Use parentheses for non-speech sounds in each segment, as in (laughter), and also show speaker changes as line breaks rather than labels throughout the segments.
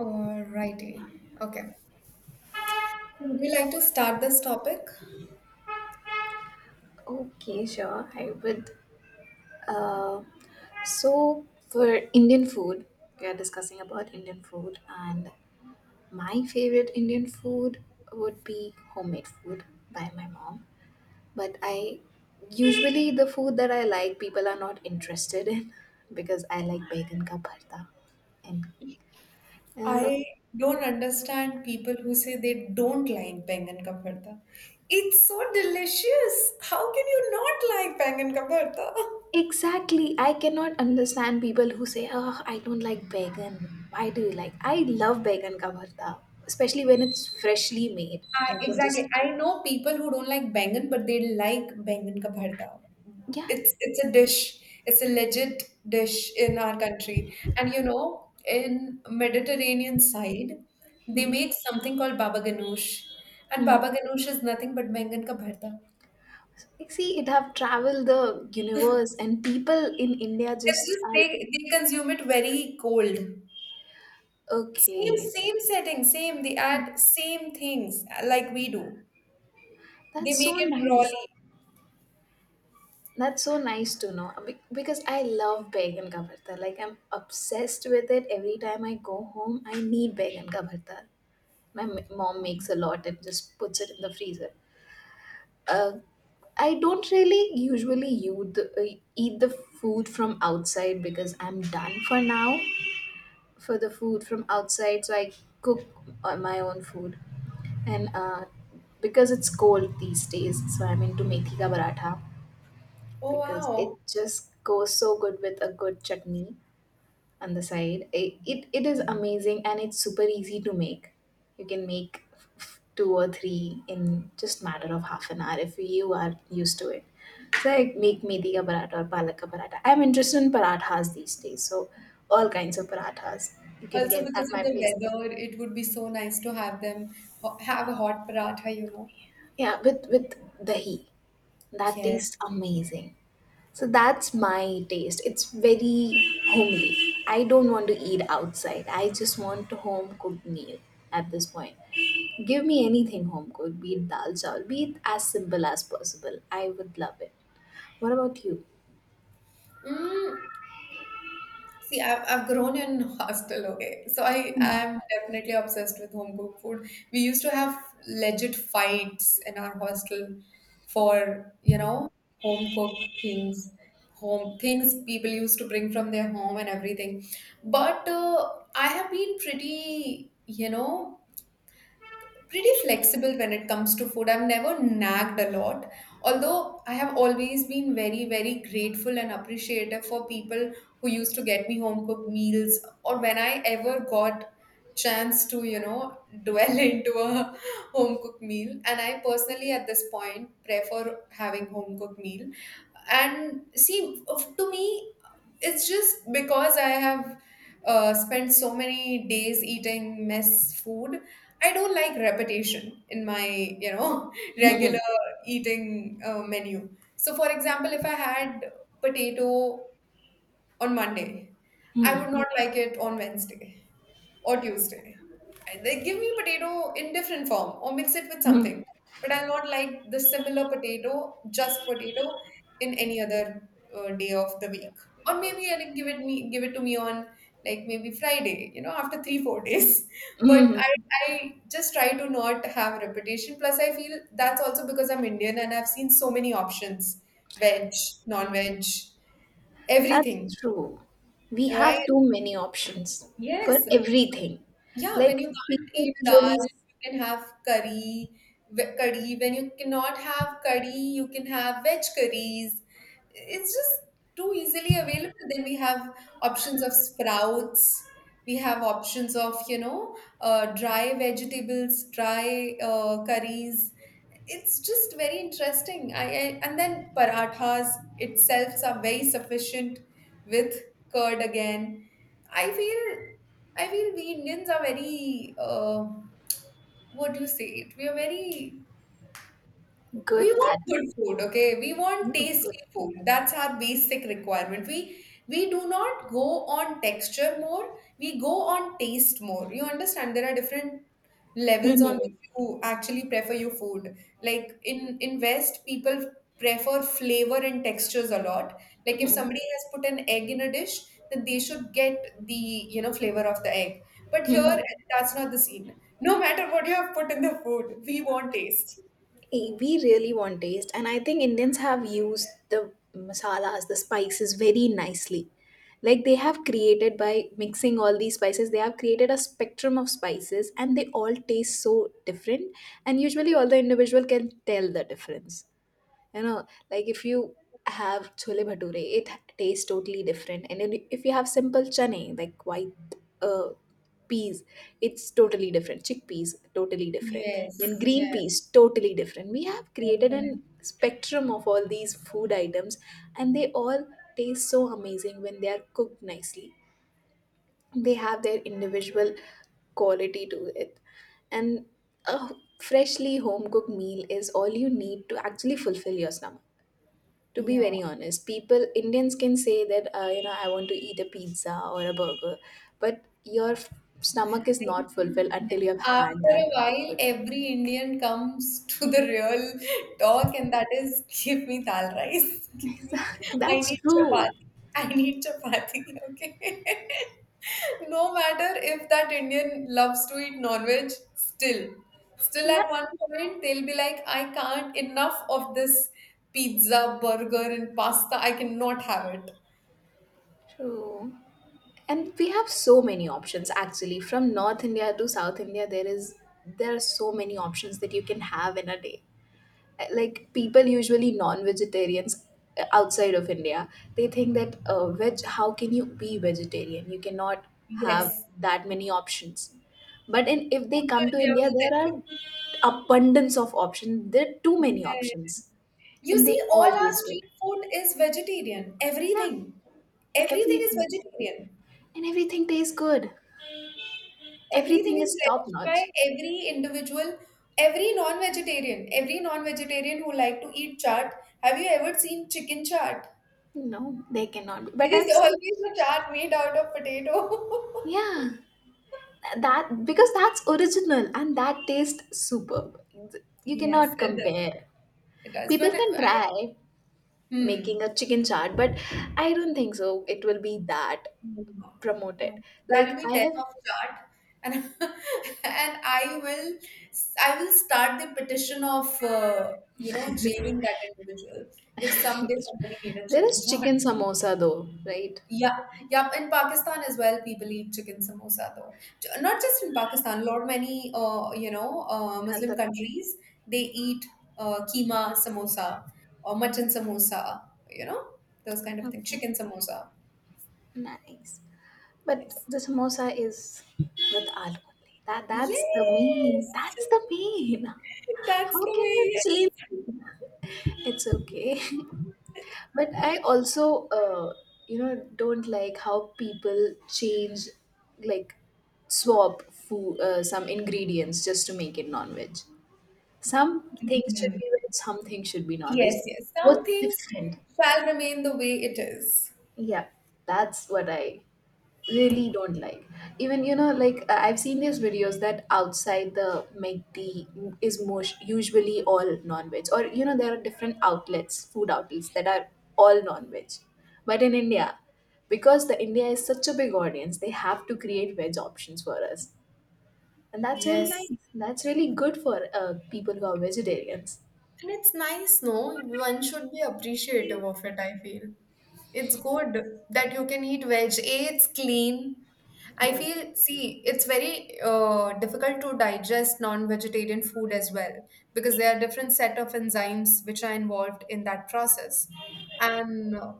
Alrighty. Okay. So, would you like to start this topic?
Okay, sure. I would. Uh, so for Indian food, we are discussing about Indian food, and my favorite Indian food would be homemade food by my mom. But I usually the food that I like, people are not interested in (laughs) because I like bacon ka bharta and uh,
I don't understand people who say they don't like bangan ka bharta. It's so delicious. How can you not like bangan ka bharta? (laughs)
Exactly. I cannot understand people who say, oh, I don't like vegan. Why do you like? I love vegan kavartha, especially when it's freshly made.
I
And you can
exactly.
just,
I know people who don't like bangan, but they like bangan ka bharta.
yeah.
It's a dish. It's a legit dish in our country. And you know, in Mediterranean side, they
Mm-hmm.
make something called baba ganoush, and
Mm-hmm.
baba ganoush is nothing but bangan ka bharta.
Like, see, it have traveled the universe and people in India
It's
just
just
are
they consume it very cold.
like,
Same
okay.
same setting, same. They add same things like we do. They
That's
make
so
it
nice.
rawly.
That's so nice to know. Be- because I love vegan kavartha. Like I'm obsessed with it. Every time I go home, I need vegan kavartha. My m- mom makes a lot and just puts it in the freezer. Uh, I don't really usually use the, eat the food from outside because I'm done for now for the food from outside. So I cook my own food, and because it's cold these days, so I'm into methi ka paratha
Oh
because it
wow.
just goes so good with a good chutney on the side. It is amazing and it's super easy to make. You can make two or three in just matter of half an hour if you are used to it. So I make methi ka paratha or palak ka paratha. I'm interested in parathas these days, so all kinds of parathas you can
Also,
get at
because of
my place.
the weather, it would be so nice to have them have a hot paratha, you know.
Yeah, with dahi. That
Yeah.
tastes amazing. So that's my taste. It's very homely. I don't want to eat outside. I just want a home cooked meal at this point. Give me anything home cooked, be it dal chawal, be it as simple as possible. I would love it. What about you?
Mm, see, I've grown in (laughs) hostel, okay? So I am definitely obsessed with home cooked food. We used to have legit fights in our hostel for, you know, home cooked things, home things people used to bring from their home and everything. But I have been pretty, you know, pretty flexible when it comes to food. I've never nagged a lot, although I have always been very, very grateful and appreciative for people who used to get me home cooked meals or when I ever got chance to you know dwell (laughs) into a home cooked meal. And I personally at this point prefer having home cooked meal and see to me it's just because I have spent so many days eating mess food. I don't like repetition in my, you know, (laughs)
(laughs) Mhm.
regular eating menu. So, for example, if I had potato on Monday, I would
Mhm.
not like it on Wednesday or Tuesday. And they give me potato in different form or mix it with
Mhm.
something. But I'll not like the similar potato, just potato, in any other day of the week. Or maybe I'll give it to me on like maybe Friday, you know, after 3 or 4 days. (laughs) But
Mhm.
I I just try to not have repetition. Plus, I feel that's also because I'm Indian and I've seen so many options, veg, non-veg,
That's
everything,
true. We
right?
have too many options for
Yes.
everything.
Yeah, when
Like
you can't
people
eat
usually
dal,
s-
you can have curry, curry. When you cannot have curry, you can have veg curries. It's just too easily available. Then we have options of sprouts. We have options of, you know, dry vegetables, dry curries. It's just very interesting. I and then parathas itself are very sufficient with curd again. I feel I feel we Indians are very, what do you say it? We are very we
good
want
at.
good food, okay? We want tasty
(laughs)
food. That's our basic requirement. We do not go on texture more, we go on taste more. You understand there are different
Mhm,
levels
good.
on
Mhm.
which you actually prefer your food. Like in West, people prefer flavor and textures a lot. Like if somebody has put an egg in a dish, then they should get the, you know, flavor of the egg. But here, that's not the scene. No matter what you have put in the food, we want taste.
Eh, we really want taste, and I think Indians have used the masalas, the spices very nicely. Like they have created by mixing all these spices, they have created a spectrum of spices, and they all taste so different, and usually all the individual can tell the difference. You know, like if you have chole bhature, it tastes totally different. And then if you have simple chane, like white uh, peas, it's totally different. Chickpeas, totally different.
Yes,
Then green
yeah,
peas, totally different. We have created
definitely.
an spectrum of all these food items, and they all taste so amazing when they are cooked nicely. They have their individual quality to it, and a freshly home cooked meal is all you need to actually fulfill your stomach. To be
Yeah.
very honest, people, Indians can say that you know, I want to eat a pizza or a burger, but your stomach is
I
not
mean,
fulfilled
yes,
until you have had
after a while, every Indian comes (laughs) to the real talk, and that is, give me dal rice, (laughs) give me,
that. (laughs)
I
That's
need
true.
chapati, I need chapati, okay? (laughs) No matter if that Indian loves to eat non-veg, still, still
Yeah.
at one point, they'll be like, I can't, enough of this pizza, burger, and pasta, I cannot have it.
True. And we have so many options actually. From North India to South India, there is, there are so many options that you can have in a day. Like people usually non-vegetarians outside of India, they think that veg, how can you be vegetarian, you cannot have
Yes.
that many options. But in, if they come to
They
India,
will tell
there are
you.
abundance of options, there are too many
Yes.
options,
You
and they
see, all
all
our
taste good.
street food is vegetarian.
Yeah,
Everything. Everything is
everything,
vegetarian.
and everything tastes good.
Everything
Everything
is
is top
relished
notch.
by every individual, every non-vegetarian who like to eat chaat. Have you ever seen chicken chaat? (laughs)
No, they cannot be.
There
But I'm
is
saying
always a chaat made out of potato. (laughs)
yeah, that, because that's original and that tastes superb. You
Yes,
cannot
it does.
compare.
It does.
People can try
Hmm.
making a chicken chaat, but I don't think so it will be that
No, no, no, no,
promoted.
no. That'll
Like
be
I
death
have
of chart. And (laughs) and I will start the petition of you know jailing that individual if someday somebody made a
(laughs) there
chicken
is
chart.
chicken
(laughs)
samosa though, right?
Yeah, yeah. In Pakistan as well, people eat chicken samosa though. Not just in Pakistan, a lot many you know
At
Muslim
the,
countries they eat keema samosa or mutton samosa. You know those kind of things.
okay,
Chicken samosa.
nice. But
Yes.
the samosa is with aloo only. That, that's the
Yes,
main, that's the main.
that's
How
the
can you
way.
change? It's okay. (laughs) But I also, you know, don't like how people change, like, swap food, some ingredients just to make it non-veg. Some
Yes,
things should be veg, some things should be non-veg.
Yes. Yes.
What's
Some things
different?
shall remain the way it is.
Yeah, that's what I really don't like. Even, you know, like I- I've seen these videos that outside the MCD is most usually all non-veg, or you know, there are different outlets, food outlets that are all non-veg. But in India, because the India is such a big audience, they have to create veg options for us, and that's really
Yes.
nice. That's really good for people who are vegetarians.
And it's nice, no? One should be appreciative of it, I feel. It's good that you can eat veg. A, it's clean. I feel, see, it's very difficult to digest non-vegetarian food as well because there are different set of enzymes which are involved in that process. And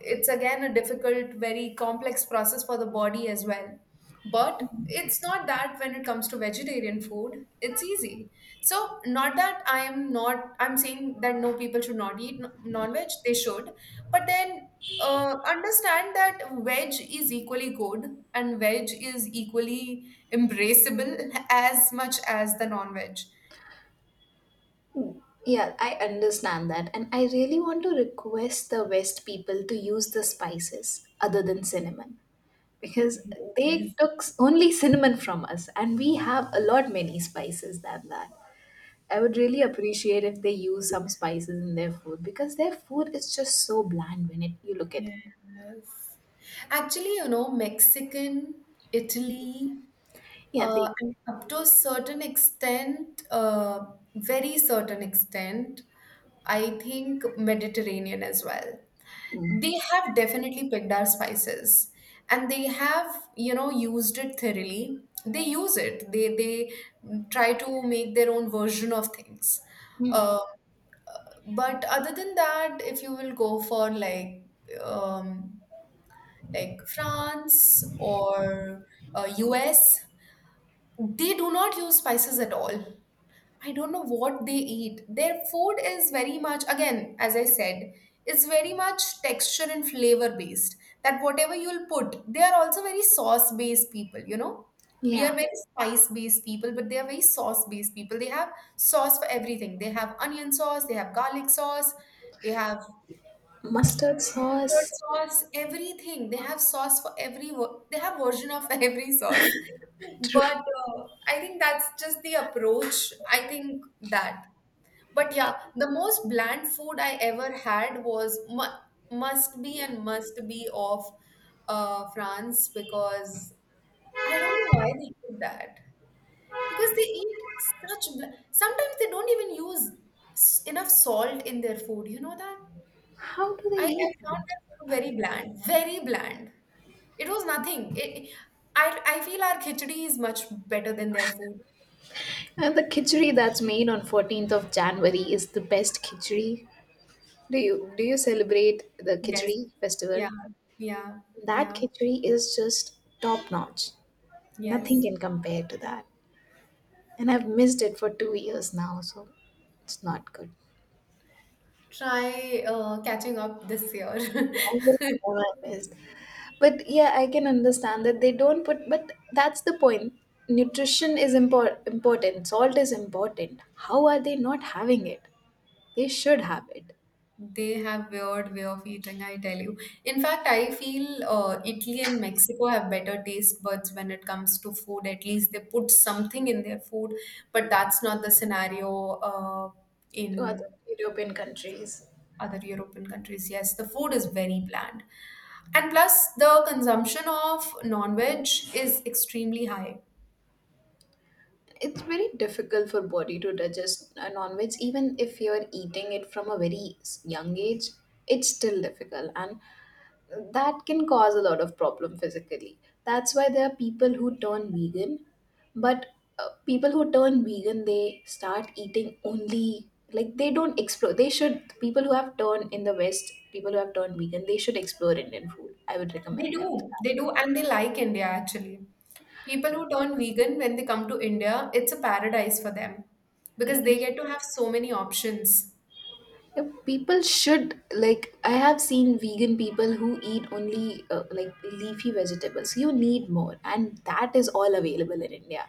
it's again a difficult, very complex process for the body as well. But it's not that when it comes to vegetarian food, it's easy. So, not that I'm not, I'm saying that no people should not eat non-veg, they should. But then understand that veg is equally good and veg is equally embraceable (laughs) as much as the non-veg.
Yeah, I understand that. And I really want to request the West people to use the spices other than cinnamon. Because they took only cinnamon from us, and we have a lot many spices than that. I would really appreciate if they use some spices in their food, because their food is just so bland when it, you look at
Yes.
it.
Actually, you know, Mexican, Italy
Yeah, they
And up to a certain extent, very certain extent, I think Mediterranean as well.
mm,
They have definitely picked our spices and they have, you know, used it thoroughly. They use it. They try to make their own version of things. Uh, but other than that, if you will go for um, like France or US, they do not use spices at all. I don't know what they eat. Their food is very much, again, as I said, it's very much texture and flavor based. That whatever you'll put, they are also very sauce based people, you know? We are
yeah,
very spice based people, but they are very sauce based people. They have sauce for everything. They have onion sauce, they have garlic sauce, they have
mustard
mustard
sauce.
sauce, everything. They have sauce for they have version of (laughs) every sauce. But I think that's just the approach. I think that. But yeah, the most bland food I ever had was must be and must be of France because I don't know why they did that. Because they eat sometimes they don't even use enough salt in their food. You know that?
How do they
I
eat?
found their food very bland, very bland. It was nothing. It, I feel our khichdi is much better than their food.
And the khichdi that's made on 14th of January is the best khichdi. Do you, do you celebrate the
Yes.
khichdi festival?
Yeah. Yeah.
That
Yeah.
khichdi is just top notch.
Yes,
Nothing can compare to that. And I've missed it for 2 years now, so it's not good.
try catching up this year. (laughs)
I will never miss. But yeah, I can understand that they don't put, but that's the point. Nutrition is impor- important, salt is important. How are they not having it? They should have it
They have weird way of eating, I tell you. In fact, I feel Italy and Mexico have better taste buds when it comes to food. At least they put something in their food, but that's not the scenario uh,
to
in
other European countries.
other European countries. Yes, the food is very bland. And plus, the consumption of non-veg is extremely high.
It's very difficult for body to digest a non-veg, even if you're eating it from a very young age, it's still difficult, and that can cause a lot of problem physically. That's why there are people who turn vegan. But people who turn vegan, they start eating only, like they don't explore. They should, people who have turned in the West, people who have turned vegan, they should explore Indian food. I would recommend them to that.
They do, and they like India actually. People who turn vegan when they come to India, it's a paradise for them
Yeah.
because they get to have so many options.
Yeah, people should. Like I have seen vegan people who eat only like leafy vegetables. You need more, and that is all available in India.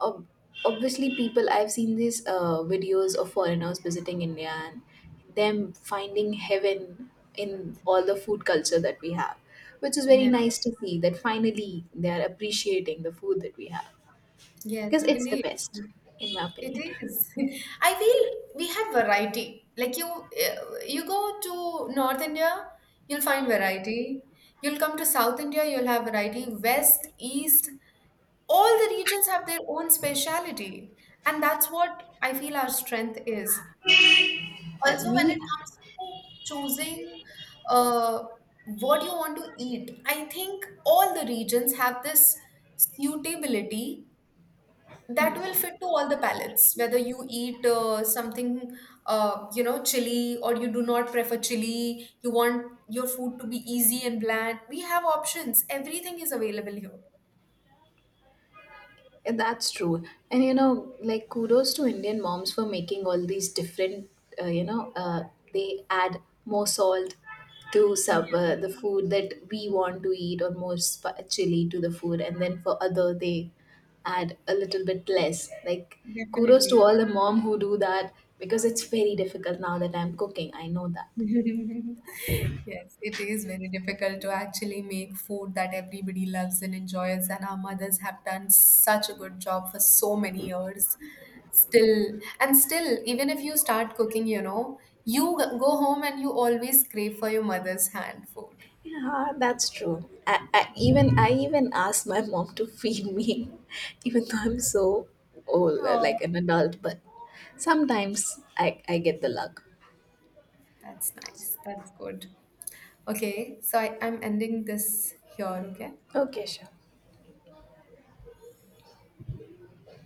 Ob- obviously, people, I've seen these videos of foreigners visiting India and them finding heaven in all the food culture that we have, which is very
Yeah.
nice to see. That finally they are appreciating the food that we have,
Yes,
because it's the
indeed.
best, in my
It
opinion.
is. (laughs) I feel we have variety. Like you, you go to North India, you'll find variety. You'll come to South India, you'll have variety. West, East, all the regions have their own speciality, and that's what I feel our strength is.
And
Also, when it
we,
comes to choosing uh, what you want to eat, I think all the regions have this suitability that will fit to all the palates. Whether you eat something, you know, chili, or you do not prefer chili, you want your food to be easy and bland. We have options. Everything is available here.
yeah, that's true. And you know, like kudos to Indian moms for making all these different, you know, they add more salt to sub, the food that we want to eat, or more chili to the food. And then for other, they add a little bit less. Like kudos to
Definitely.
all the mom who do that, because it's very difficult now that I'm cooking. I know that.
(laughs) Yes, it is very difficult to actually make food that everybody loves and enjoys, and our mothers have done such a good job for so many years. Still, and still, even if you start cooking, you know, you go home and you always crave for your mother's hand food.
Yeah, that's true. I, I, even
Mhm.
I even asked my mom to feed me, (laughs) even though I'm so old,
Oh,
like an adult. But sometimes I get the luck.
that's nice. That's good. Okay, so I'm ending this here, okay?
Okay, sure.